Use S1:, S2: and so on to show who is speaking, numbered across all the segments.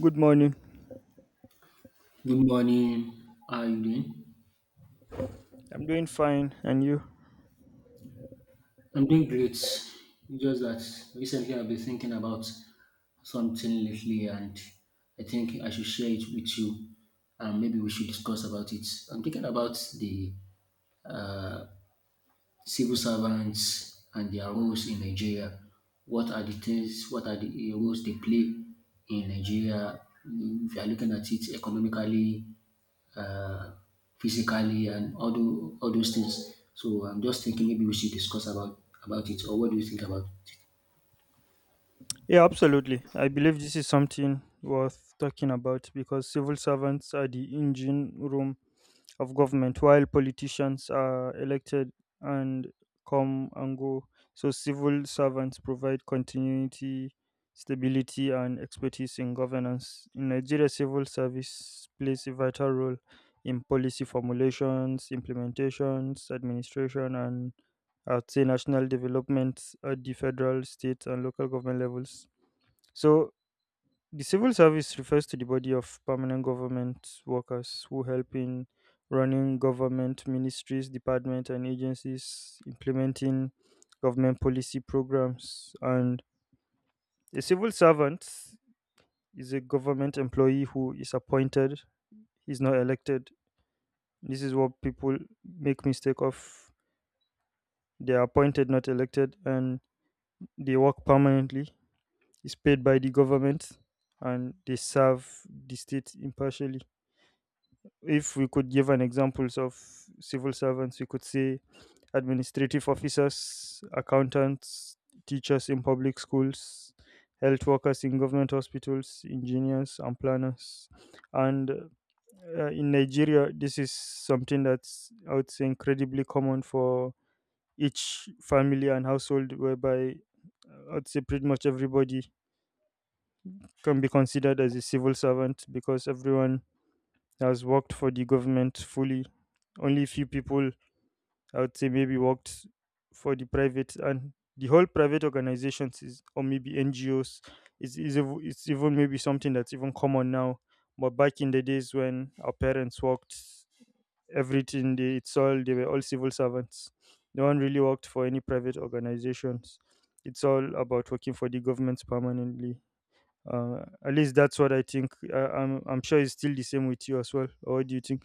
S1: Good morning.
S2: Good morning. How are you doing?
S1: I'm doing fine. And you?
S2: I'm doing great. It's Just that Recently I've been thinking about something lately and I think I should share it with you, and maybe we should discuss about it. I'm thinking about the civil servants and their roles in Nigeria. What are the roles they play in Nigeria? If you are looking at it economically, uh, physically, and all, all those things. So I'm just thinking maybe we should discuss about it, or what do you think about?
S1: Yeah, absolutely. I believe this is something worth talking about because civil servants are the engine room of government, while politicians are elected and come and go. So, civil servants provide continuity, stability, and expertise in governance. In Nigeria, civil service plays a vital role in policy formulations, implementations, administration, and I would say national developments at the federal, state, and local government levels. So, the civil service refers to the body of permanent government workers who help in running government ministries, departments, and agencies, implementing government policy programs. And a civil servant is a government employee who is appointed, he's not elected. This is what people make mistake of. They are appointed, not elected, and they work permanently is paid by the government and they serve the state impartially. If we could give an examples of civil servants, we could say administrative officers, accountants, teachers in public schools, health workers in government hospitals, engineers and planners. And in Nigeria, this is something that's, I would say, incredibly common for each family and household, whereby I'd say pretty much everybody can be considered as a civil servant because everyone has worked for the government fully. Only few people, I would say, maybe worked for the private and the whole private organizations is, or maybe NGOs is ev- it's even maybe something that's even common now. But back in the days when our parents worked, everything they it's all they were all civil servants. No one really worked for any private organizations. It's all about working for the government permanently at least that's what I think. I'm sure it's still the same with you as well. Or what do you think?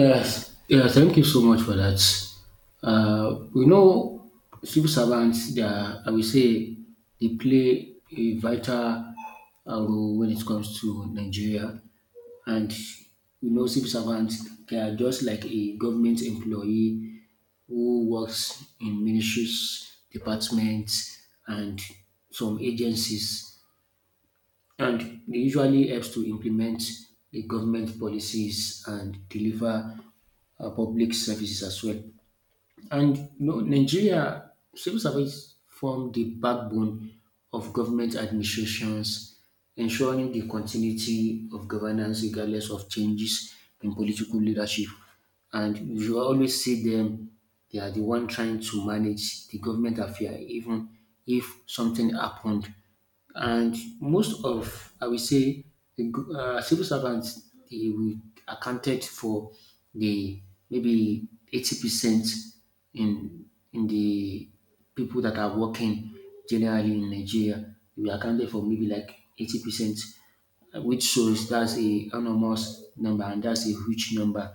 S2: Yes, yeah, thank you so much for that. We know civil servants, they are, I will say, they play a vital role when it comes to Nigeria. And we know civil servants, they are just like a government employee who works in ministries, departments, and some agencies, and they usually helps to implement the government policies and deliver public services as well. And you know, Nigeria civil service form the backbone of government administrations, ensuring the continuity of governance regardless of changes in political leadership. And you always see them; they are the one trying to manage the government affair, even if something happened. And most of, I will say, the civil servants, they will accounted for the maybe 80% in the people that are working generally in Nigeria. We accounted for maybe like 80%, which shows that's a enormous number, and that's a huge number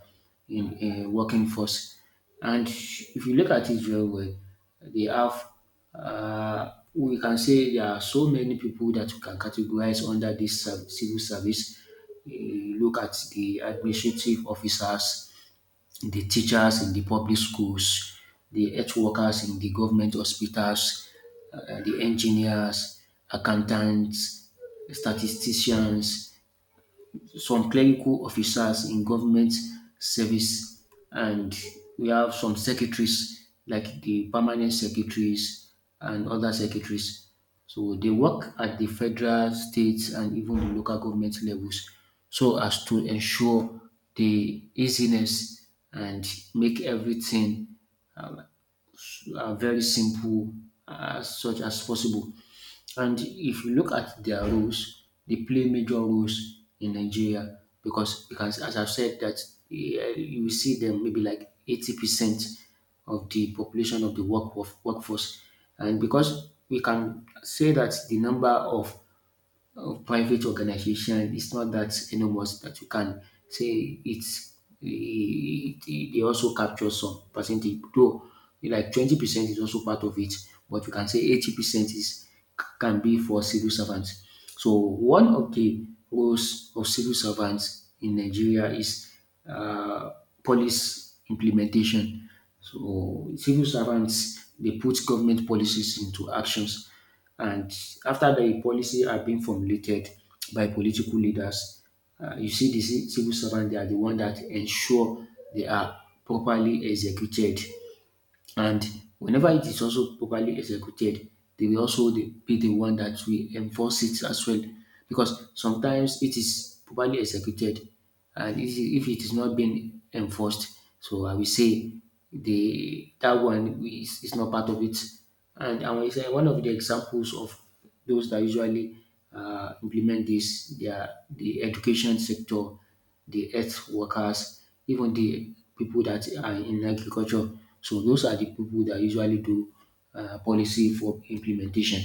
S2: in a working force. And if you look at it very well, they have, we can say there are so many people that you can categorize under this civil service. You look at the administrative officers, the teachers in the public schools, the health workers in the government hospitals, the engineers, accountants, statisticians, some clerical officers in government service, and we have some secretaries, like the permanent secretaries and other secretaries. So they work at the federal, state, and even the local government levels, so as to ensure the easiness and make everything very simple as such as possible. And if you look at their roles, they play major roles in Nigeria because as I've said, that yeah, you see them maybe like 80% of the population of the workforce. And because we can say that the number of private organization it's not that enormous that you can say it's they also capture some percentage though, like 20% is also part of it, but you can say 80% is can be for civil servants. So one of the roles of civil servants in Nigeria is uh, police implementation. So civil servants, they put government policies into actions. And after the policy are being formulated by political leaders, you see the civil servant, they are the one that ensure they are properly executed. And whenever it is also properly executed, they will also be the one that will enforce it as well. Because sometimes it is properly executed, and if it is not being enforced, so I will say the that one is not part of it. And I will say one of the examples of those that usually implement this, they are the education sector, the earth workers, even the people that are in agriculture. So those are the people that usually do policy for implementation.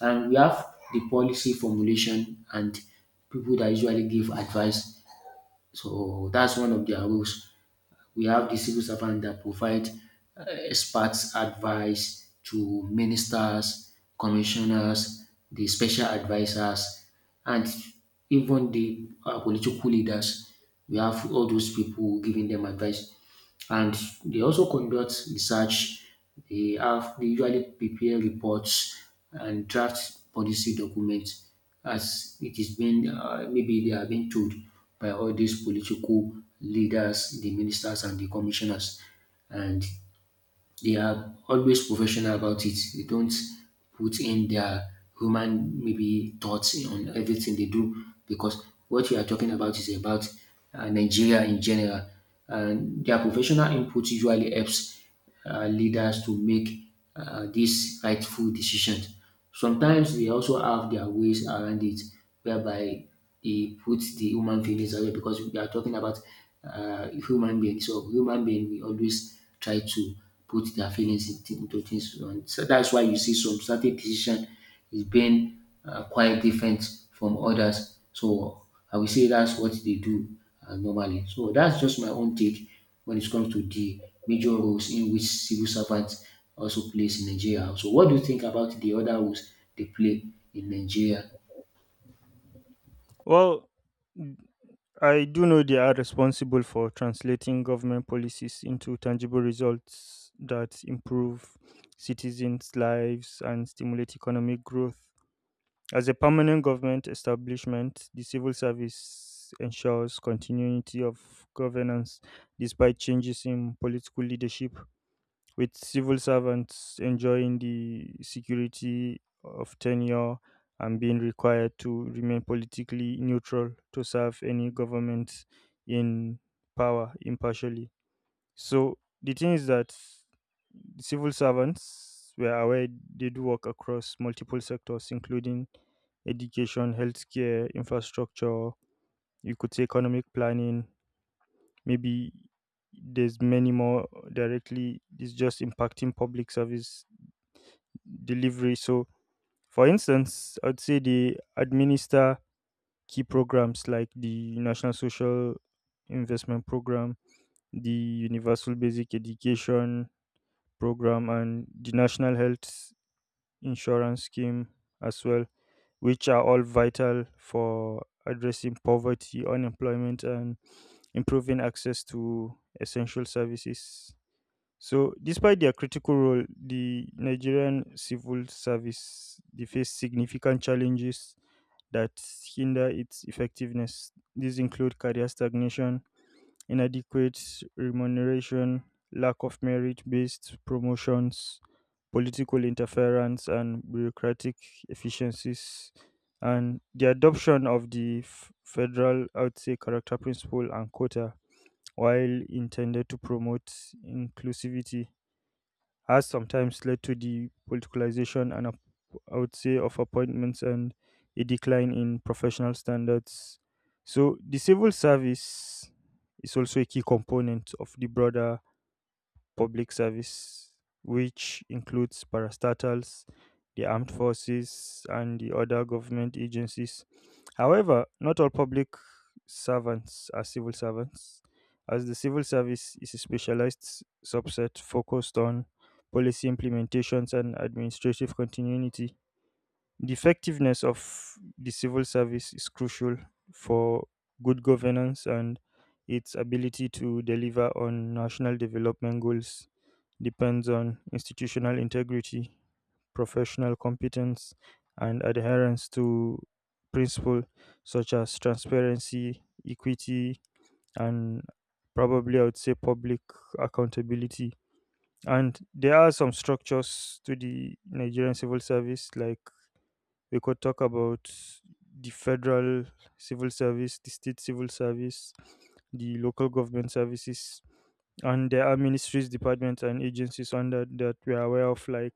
S2: And we have the policy formulation and people that usually give advice. So that's one of their roles. We have the civil servant that provide expert advice to ministers, commissioners, the special advisors, and even the political leaders. We have all those people giving them advice, and they also conduct research. They usually prepare reports and draft policy documents as it is being maybe they are being told by all these political leaders, the ministers, and the commissioners, and they are always professional about it. They don't put in their human maybe thoughts on everything they do, because what you are talking about is about Nigeria in general. And their professional input usually helps leaders to make these rightful decisions. Sometimes they also have their ways around it, whereby they put the human feelings away, because we are talking about human beings. So human being, we always try to put their feelings into things. And so that's why you see some certain decision is being quite different from others. So I will say that's what they do normally. So that's just my own take when it comes to the major roles in which civil servants also plays in Nigeria. So what do you think about the other roles they play in Nigeria?
S1: Well, n- I do know they are responsible for translating government policies into tangible results that improve citizens' lives and stimulate economic growth. As a permanent government establishment, the civil service ensures continuity of governance despite changes in political leadership with civil servants enjoying the security of tenure and being required to remain politically neutral to serve any government in power impartially. So the thing is that civil servants were aware they do work across multiple sectors, including education, healthcare, infrastructure, you could say economic planning, maybe there's many more directly it's just impacting public service delivery. So for instance, I'd say they administer key programs like the national social investment program, the universal basic education program, and the national health insurance scheme as well, which are all vital for addressing poverty unemployment and improving access to essential services. So, despite their critical role, the Nigerian civil service they face significant challenges that hinder its effectiveness. These include career stagnation, inadequate remuneration, lack of merit-based promotions, political interference, and bureaucratic efficiencies. And the adoption of the f- federal, I would say, character principle and quota, while intended to promote inclusivity has sometimes led to the politicalization and ap- I would say of appointments and a decline in professional standards. So the civil service is also a key component of the broader public service, which includes parastatals, the armed forces, and the other government agencies. However, not all public servants are civil servants, as the civil service is a specialized s- subset focused on policy implementations and administrative continuity. The effectiveness of the civil service is crucial for good governance, and its ability to deliver on national development goals depends on institutional integrity, professional competence, and adherence to principles such as transparency, equity, and probably I would say public accountability. And there are some structures to the Nigerian civil service, like we could talk about the federal civil service, the state civil service, the local government services, and there are ministries, departments, and agencies under that we are aware of, like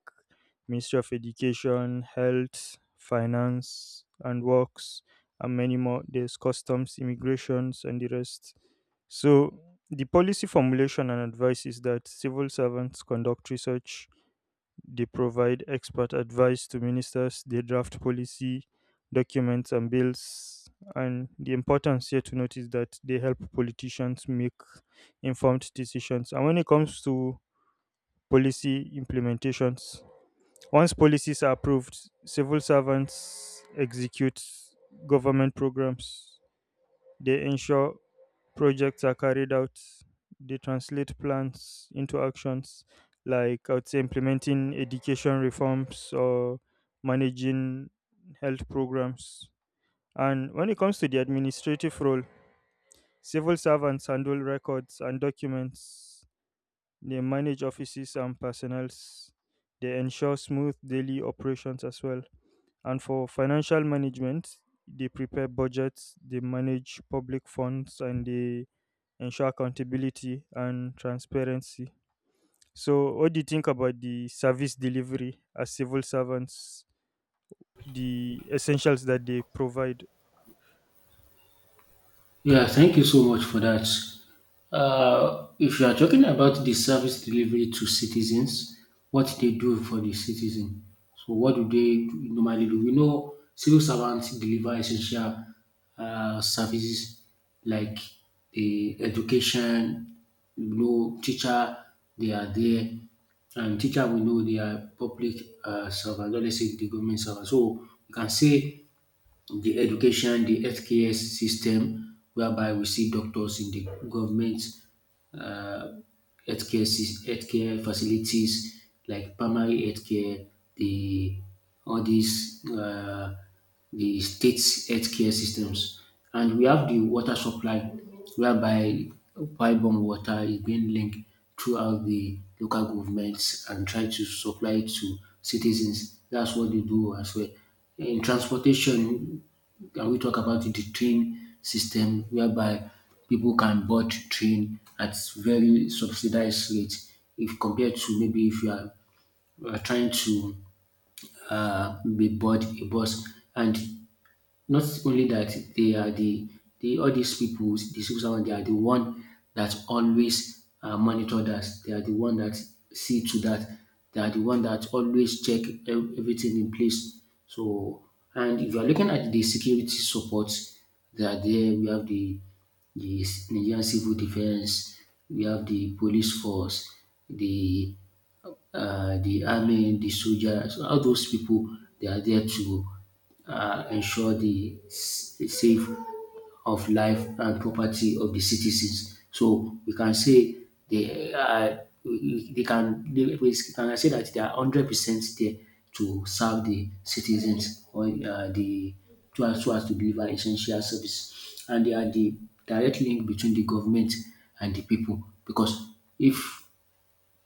S1: Ministry of Education, Health, Finance and Works, and many more. There's customs, immigrations, and the rest. So the policy formulation and advice is that civil servants conduct research, they provide expert advice to ministers, they draft policy documents and bills. And the importance here to note is that they help politicians make informed decisions. And when it comes to policy implementations, once policies are approved, civil servants execute government programs. They ensure projects are carried out. They translate plans into actions, like I would say implementing education reforms or managing health programs. And when it comes to the administrative role, civil servants handle records and documents. They manage offices and personnel. They ensure smooth daily operations as well, and for financial management, they prepare budgets, they manage public funds, and they ensure accountability and transparency. So, what do you think about the service delivery as civil servants, the essentials that they provide?
S2: Yeah, thank you so much for that. If you are talking about the service delivery to citizens, what they do for the citizen. So, what do they normally do? We know civil servants deliver essential services like the education. You know, teacher they are there, and teacher we know they are public servants. Not, let's say, the government servants. So you can say the education, the healthcare system, whereby we see doctors in the government uh, healthcare, healthcare facilities like primary healthcare, the all these the state's healthcare systems, and we have the water supply, whereby pipe-borne water is being linked throughout the local governments and try to supply it to citizens. That's what they do as well. In transportation, can we talk about the train system, whereby people can board train at very subsidized rate if compared to maybe if you are, you are trying to be board a bus. And not only that, they are the all these people, the civil servant, they are the one that always monitor that. They are the one that see to that. They are the one that always check everything in place. So, and if you are looking at the security support, they are there. We have the Nigerian Civil Defense, we have the police force, the the army, the soldiers, so all those people, they are there to ensure the safe of life and property of the citizens. So we can say they are, they can they, we can say that they are 100% there to serve the citizens or the to us to deliver essential service, and they are the direct link between the government and the people. Because if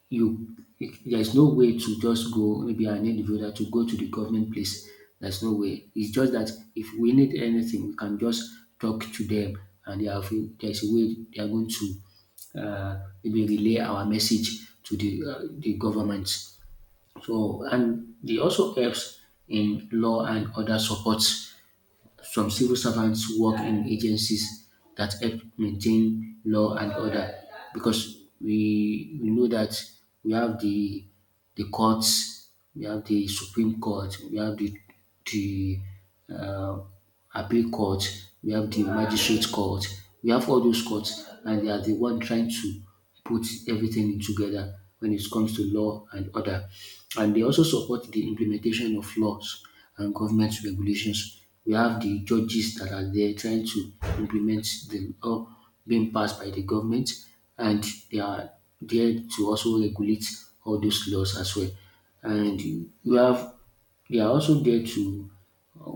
S2: you there's no way to just go, maybe I need voter to go to the government place. There's no way. It's just that if we need anything, we can just talk to them, and they have there's a way they are going to maybe relay our message to the government. So and they also helps in law and other support. Some civil servants work in agencies that help maintain law and order, because we know that we have the courts, we have the Supreme Court, we have the uh, appeal court, we have the magistrate court, we have all those courts, and they are the one trying to put everything together when it comes to law and order. And they also support the implementation of laws and government regulations. We have the judges that are there trying to implement the law being passed by the government, and they are there to also regulate all those laws as well. And we have they are also there to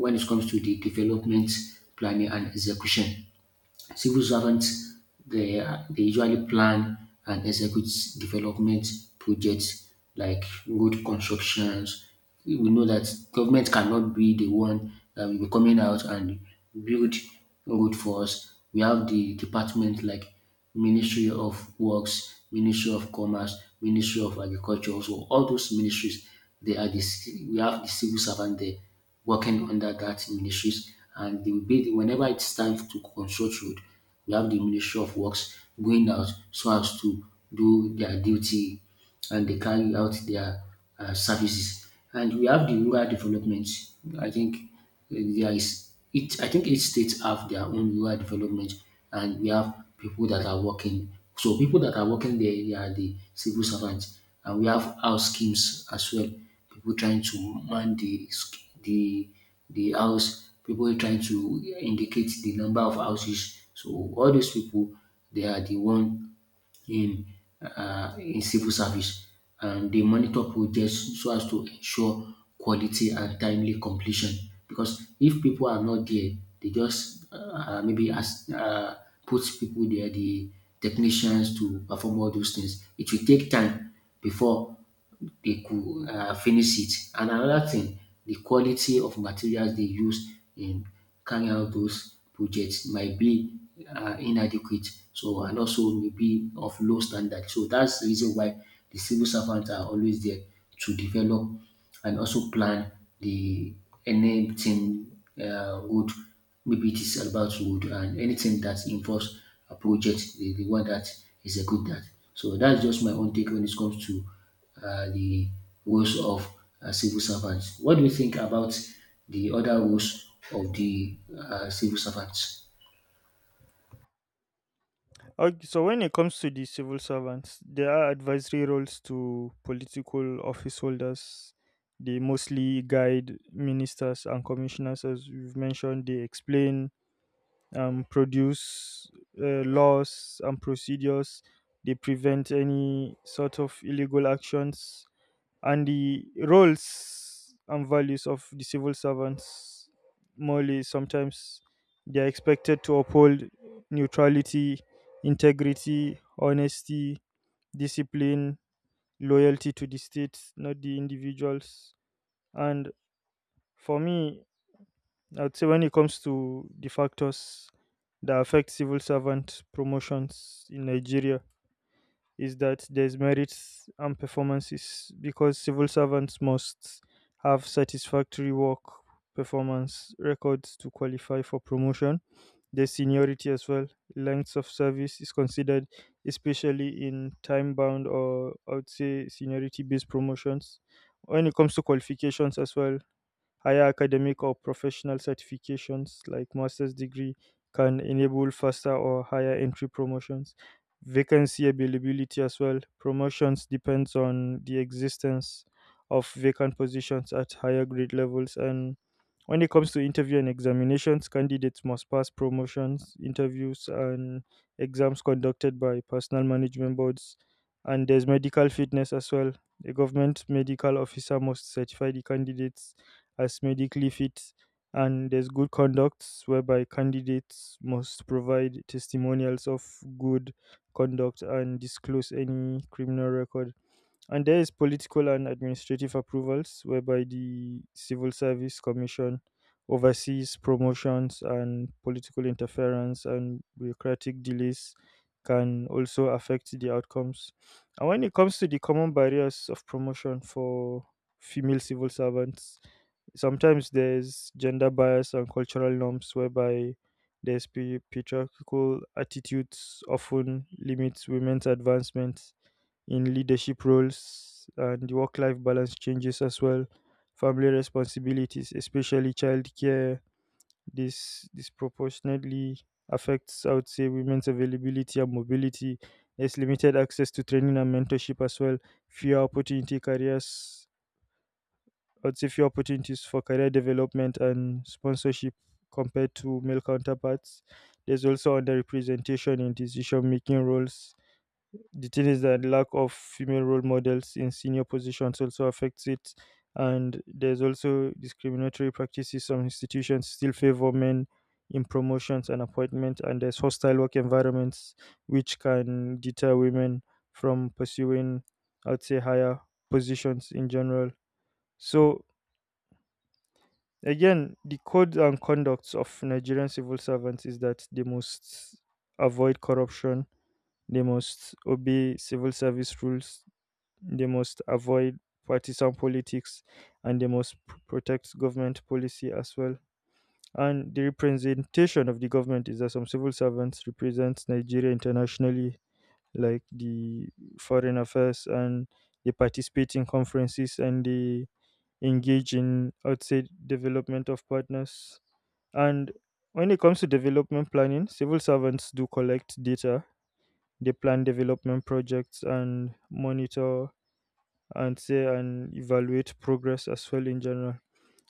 S2: when it comes to the development planning and execution. Civil servants they are they usually plan and execute development projects like road constructions. We know that government cannot be the one that will be coming out and build road for us. We have the department like Ministry of Works, Ministry of Commerce, Ministry of Agriculture. So all those ministries, they are the we have the civil servant there working under that ministries, and they will be whenever it's time to construct road, we have the Ministry of Works going out so as to do their duty, and they carry out their services. And we have the rural development. I think there is it. I think each state have their own rural development, and we have people that are working. So people that are working there, they are the civil servants, and we have house schemes as well. People trying to man the house. People trying to indicate the number of houses. So all those people, they are the one in, in civil service, and they monitor projects so as to ensure quality and timely completion. Because if people are not there, they just maybe as put people there, the technicians to perform all those things, it will take time before they could finish it. And another thing, the quality of materials they use in carrying out those projects might be inadequate, so and also maybe of low standard. So that's the reason why the civil servants are always there to develop and also plan the anything wood. Maybe it is about wood and anything that involves a project, the one that is a good that. So that's just my own take when it comes to the roles of civil servants. What do you think about the other roles of the civil servants?
S1: Okay, so, when it comes to the civil servants, there are advisory roles to political office holders. They mostly guide ministers and commissioners, as we've mentioned. They explain produce laws and procedures. They prevent any sort of illegal actions and the roles and values of the civil servants. Morely, sometimes they are expected to uphold neutrality, integrity, honesty, discipline, loyalty to the state, not the individuals. And for me, I would say when it comes to the factors that affect civil servant promotions in Nigeria is that there's merits and performances because civil servants must have satisfactory work performance records to qualify for promotion. There's seniority as well. Length of service is considered, especially in time bound or I would say seniority based promotions. When it comes to qualifications as well, higher academic or professional certifications like master's degree can enable faster or higher entry promotions. Vacancy availability as well. Promotions depends on the existence of vacant positions at higher grade levels, and when it comes to interview and examinations, candidates must pass promotions, interviews, and exams conducted by personal management boards. And there's medical fitness as well. The government medical officer must certify the candidates as medically fit, and there's good conduct whereby candidates must provide testimonials of good conduct and disclose any criminal record. And there is political and administrative approvals whereby the Civil Service Commission oversees promotions and political interference and bureaucratic delays can also affect the outcomes. And when it comes to the common barriers of promotion for female civil servants, sometimes there's gender bias and cultural norms whereby there's pa- patriarchal attitudes often limits women's advancement in leadership roles, and the work-life balance changes as well, family responsibilities especially childcare, this disproportionately affects, I would say, women's availability and mobility. There's limited access to training and mentorship as well, fewer opportunity careers. What's a few opportunities for career development and sponsorship compared to male counterparts? There's also underrepresentation in decision making roles. The thing is that lack of female role models in senior positions also affects it. And there's also discriminatory practices. Some institutions still favor men in promotions and appointments, and there's hostile work environments which can deter women from pursuing, I'd say, higher positions in general. So again, the codes and conducts of Nigerian civil servants is that they must avoid corruption, they must obey civil service rules, they must avoid partisan politics, and they must p- protect government policy as well. And the representation of the government is that some civil servants represent Nigeria internationally, like the foreign affairs, and they participate in conferences and they engage in, outside development of partners, and when it comes to development planning, civil servants do collect data, they plan development projects and monitor and say and evaluate progress as well in general.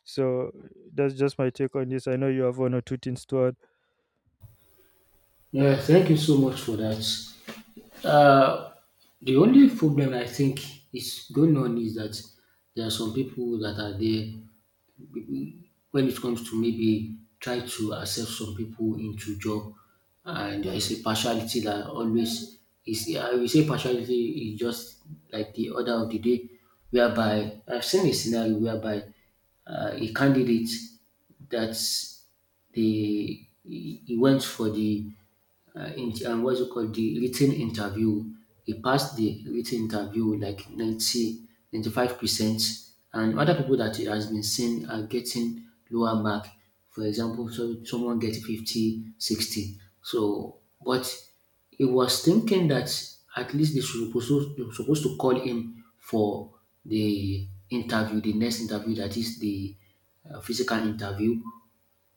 S1: So that's just my take on this. I know you have one or two things to add.
S2: Yeah, thank you so much for that. Uh, the only problem I think is going on is that there are some people that are there when it comes to maybe try to accept some people into job, and there is a partiality that always is, I will say partiality is just like the order of the day, whereby I've seen a scenario whereby a candidate that's the he went for what's it called, the written interview. He passed the written interview with like ninety five percent, and other people that he has been seen are getting lower mark. For example, so someone get 50, 60. So, but he was thinking that at least they were supposed to call him for the interview, the next interview, that is the physical interview.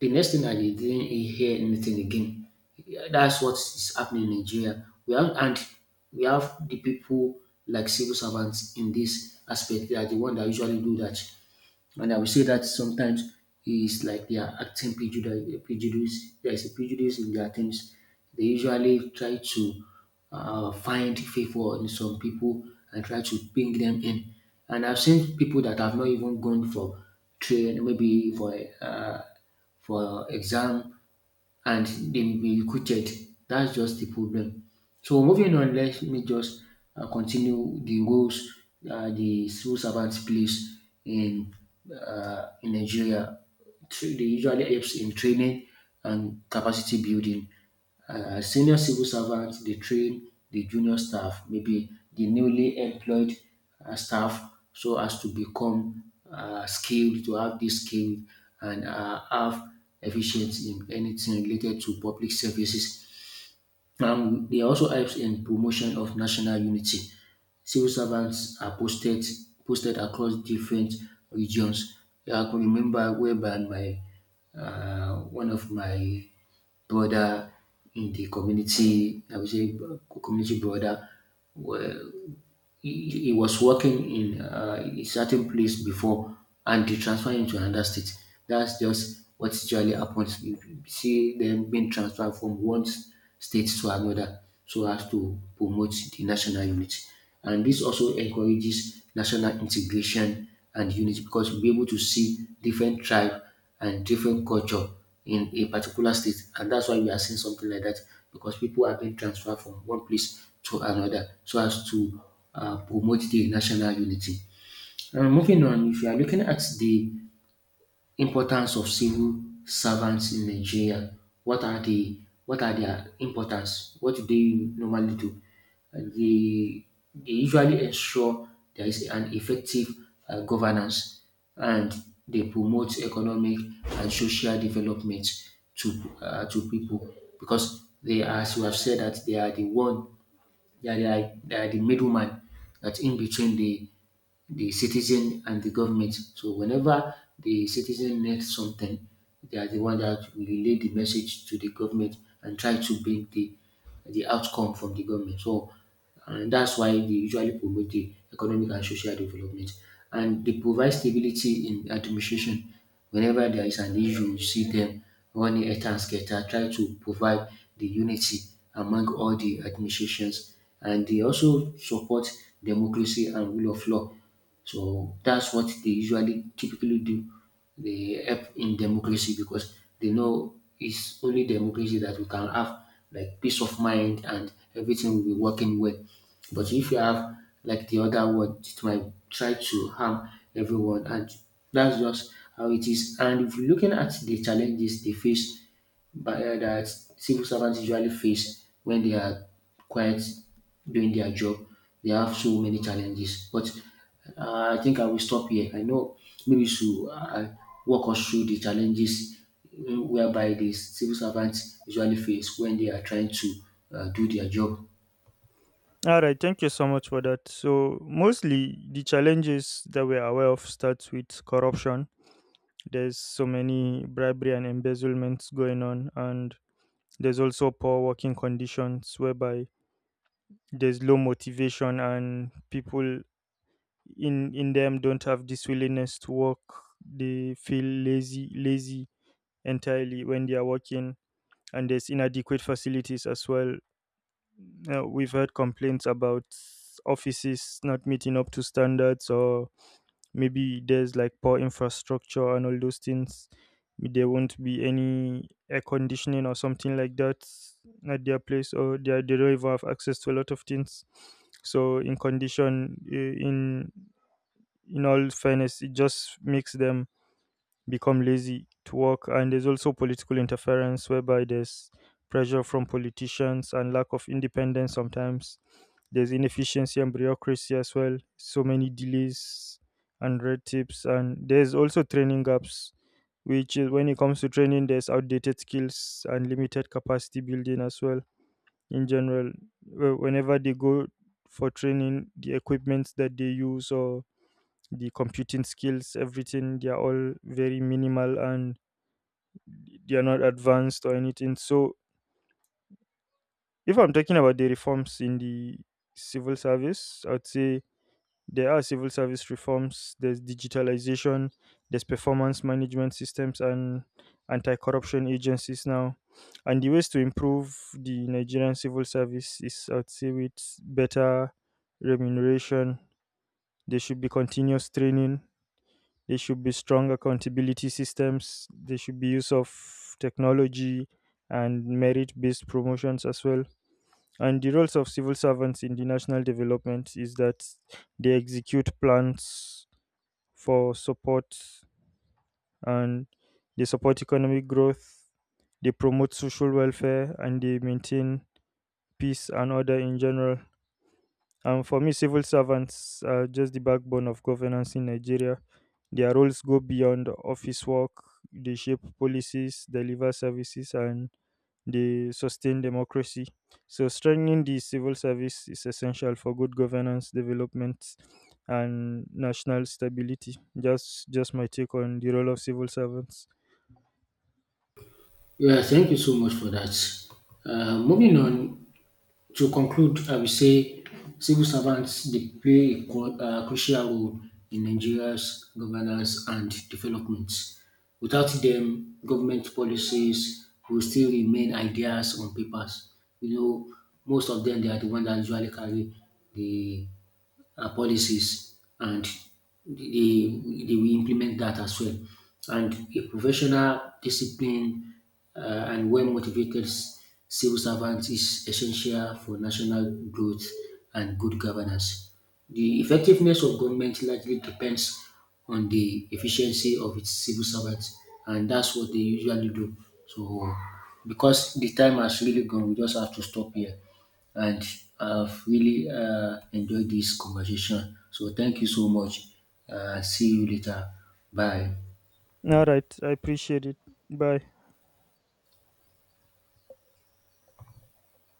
S2: The next thing I didn't hear anything again. That's what is happening in Nigeria. We have the people like civil servants in this aspect. They are the one that usually do that. And I will say that sometimes it's like they are acting prejudice, prejudice. There's a prejudice in their things. They usually try to find favor in some people and try to bring them in. And I've seen people that have not even gone for train, maybe uh, for exam, and they will be recruited. That's just the problem. So moving on, let me just continue the roles the civil servants plays in in Nigeria. They usually helps in training and capacity building. Senior civil servant, they train the junior staff, maybe the newly employed staff, so as to become skilled, to have this skill, and have efficiency in anything related to public services. They also helps in promotion of national unity. Civil servants are posted across different regions. Yeah, I can remember whereby my one of my brother in the community, I would say community brother, he was working in a certain place before, and they transfer him to another state. That's just what usually happens. You see them being transferred from one state to another so as to promote the national unity. And this also encourages national integration and unity because we'll be able to see different tribe and different culture in a particular state. And that's why we are seeing something like that, because people are being transferred from one place to another so as to promote the national unity. And moving on, if you are looking at the importance of civil servants in Nigeria. What are the what are their importance? What do they normally do? And they usually ensure there is an effective governance, and they promote economic and social development to to people, because they, as you have said, that they are the one, they are the middleman that's in between the citizen and the government. So whenever the citizen needs something, they are the one that will relay the message to the government and try to bring the outcome from the government. So and that's why they usually promote the economic and social development. And they provide stability in administration. Whenever there is an issue, you see them running at and scatter, try to provide the unity among all the administrations. And they also support democracy and rule of law. So that's what they usually typically do. They help in democracy because they know it's only democracy that we can have like peace of mind, and everything will be working well. But if you have like the other one, it might try to harm everyone, and that's just how it is. And if you're looking at the challenges they face, that civil servants usually face when they are quite doing their job. They have so many challenges. But I think I will stop here. I know maybe you should walk us through the challenges whereby the civil servants usually face when they are trying to do their job.
S1: All right, thank you so much for that. So mostly the challenges that we're aware of starts with corruption. There's so many bribery and embezzlements going on, and there's also poor working conditions whereby there's low motivation and people in them don't have this willingness to work. They feel lazy entirely when they are working, and there's inadequate facilities as well. We've heard complaints about offices not meeting up to standards, or maybe there's like poor infrastructure and all those things. There won't be any air conditioning or something like that at their place, or they, are- they don't even have access to a lot of things. So in condition, I- in all fairness, it just makes them become lazy to work. And there's also political interference, whereby there's pressure from politicians and lack of independence sometimes. There's inefficiency and bureaucracy as well, so many delays and red tapes. And there's also training gaps, which is when it comes to training, there's outdated skills and limited capacity building as well. In general, Wh- whenever they go for training, the equipment that they use or the computing skills, everything, they are all very minimal and they are not advanced or anything. So, if I'm talking about the reforms in the civil service, I'd say there are civil service reforms, there's digitalization, there's performance management systems, and anti corruption agencies now. And the ways to improve the Nigerian civil service is, I'd say, with better remuneration. There should be continuous training. There should be strong accountability systems. There should be use of technology and merit based promotions as well. And the roles of civil servants in the national development is that they execute plans for support and they support economic growth, they promote social welfare, and they maintain peace and order in general. And for me, civil servants are just the backbone of governance in Nigeria. Their roles go beyond office work, they shape policies, deliver services, and they sustain democracy. So, strengthening the civil service is essential for good governance, development, and national stability. Just my take on the role of civil servants.
S2: Yeah, thank you so much for that. Moving on, to conclude, I will say civil servants, they play a crucial role in Nigeria's governance and development. Without them, government policies will still remain ideas on papers. You know, most of them, they are the ones that usually carry the policies, and they will implement that as well. And a professional, discipline, uh, and well motivated civil servant is essential for national growth and good governance. The effectiveness of government largely depends on the efficiency of its civil servants, and that's what they usually do. So, because the time has really gone, we just have to stop here. And I've really enjoyed this conversation. So, thank you so much. See you later. Bye.
S1: All right, I appreciate it. Bye.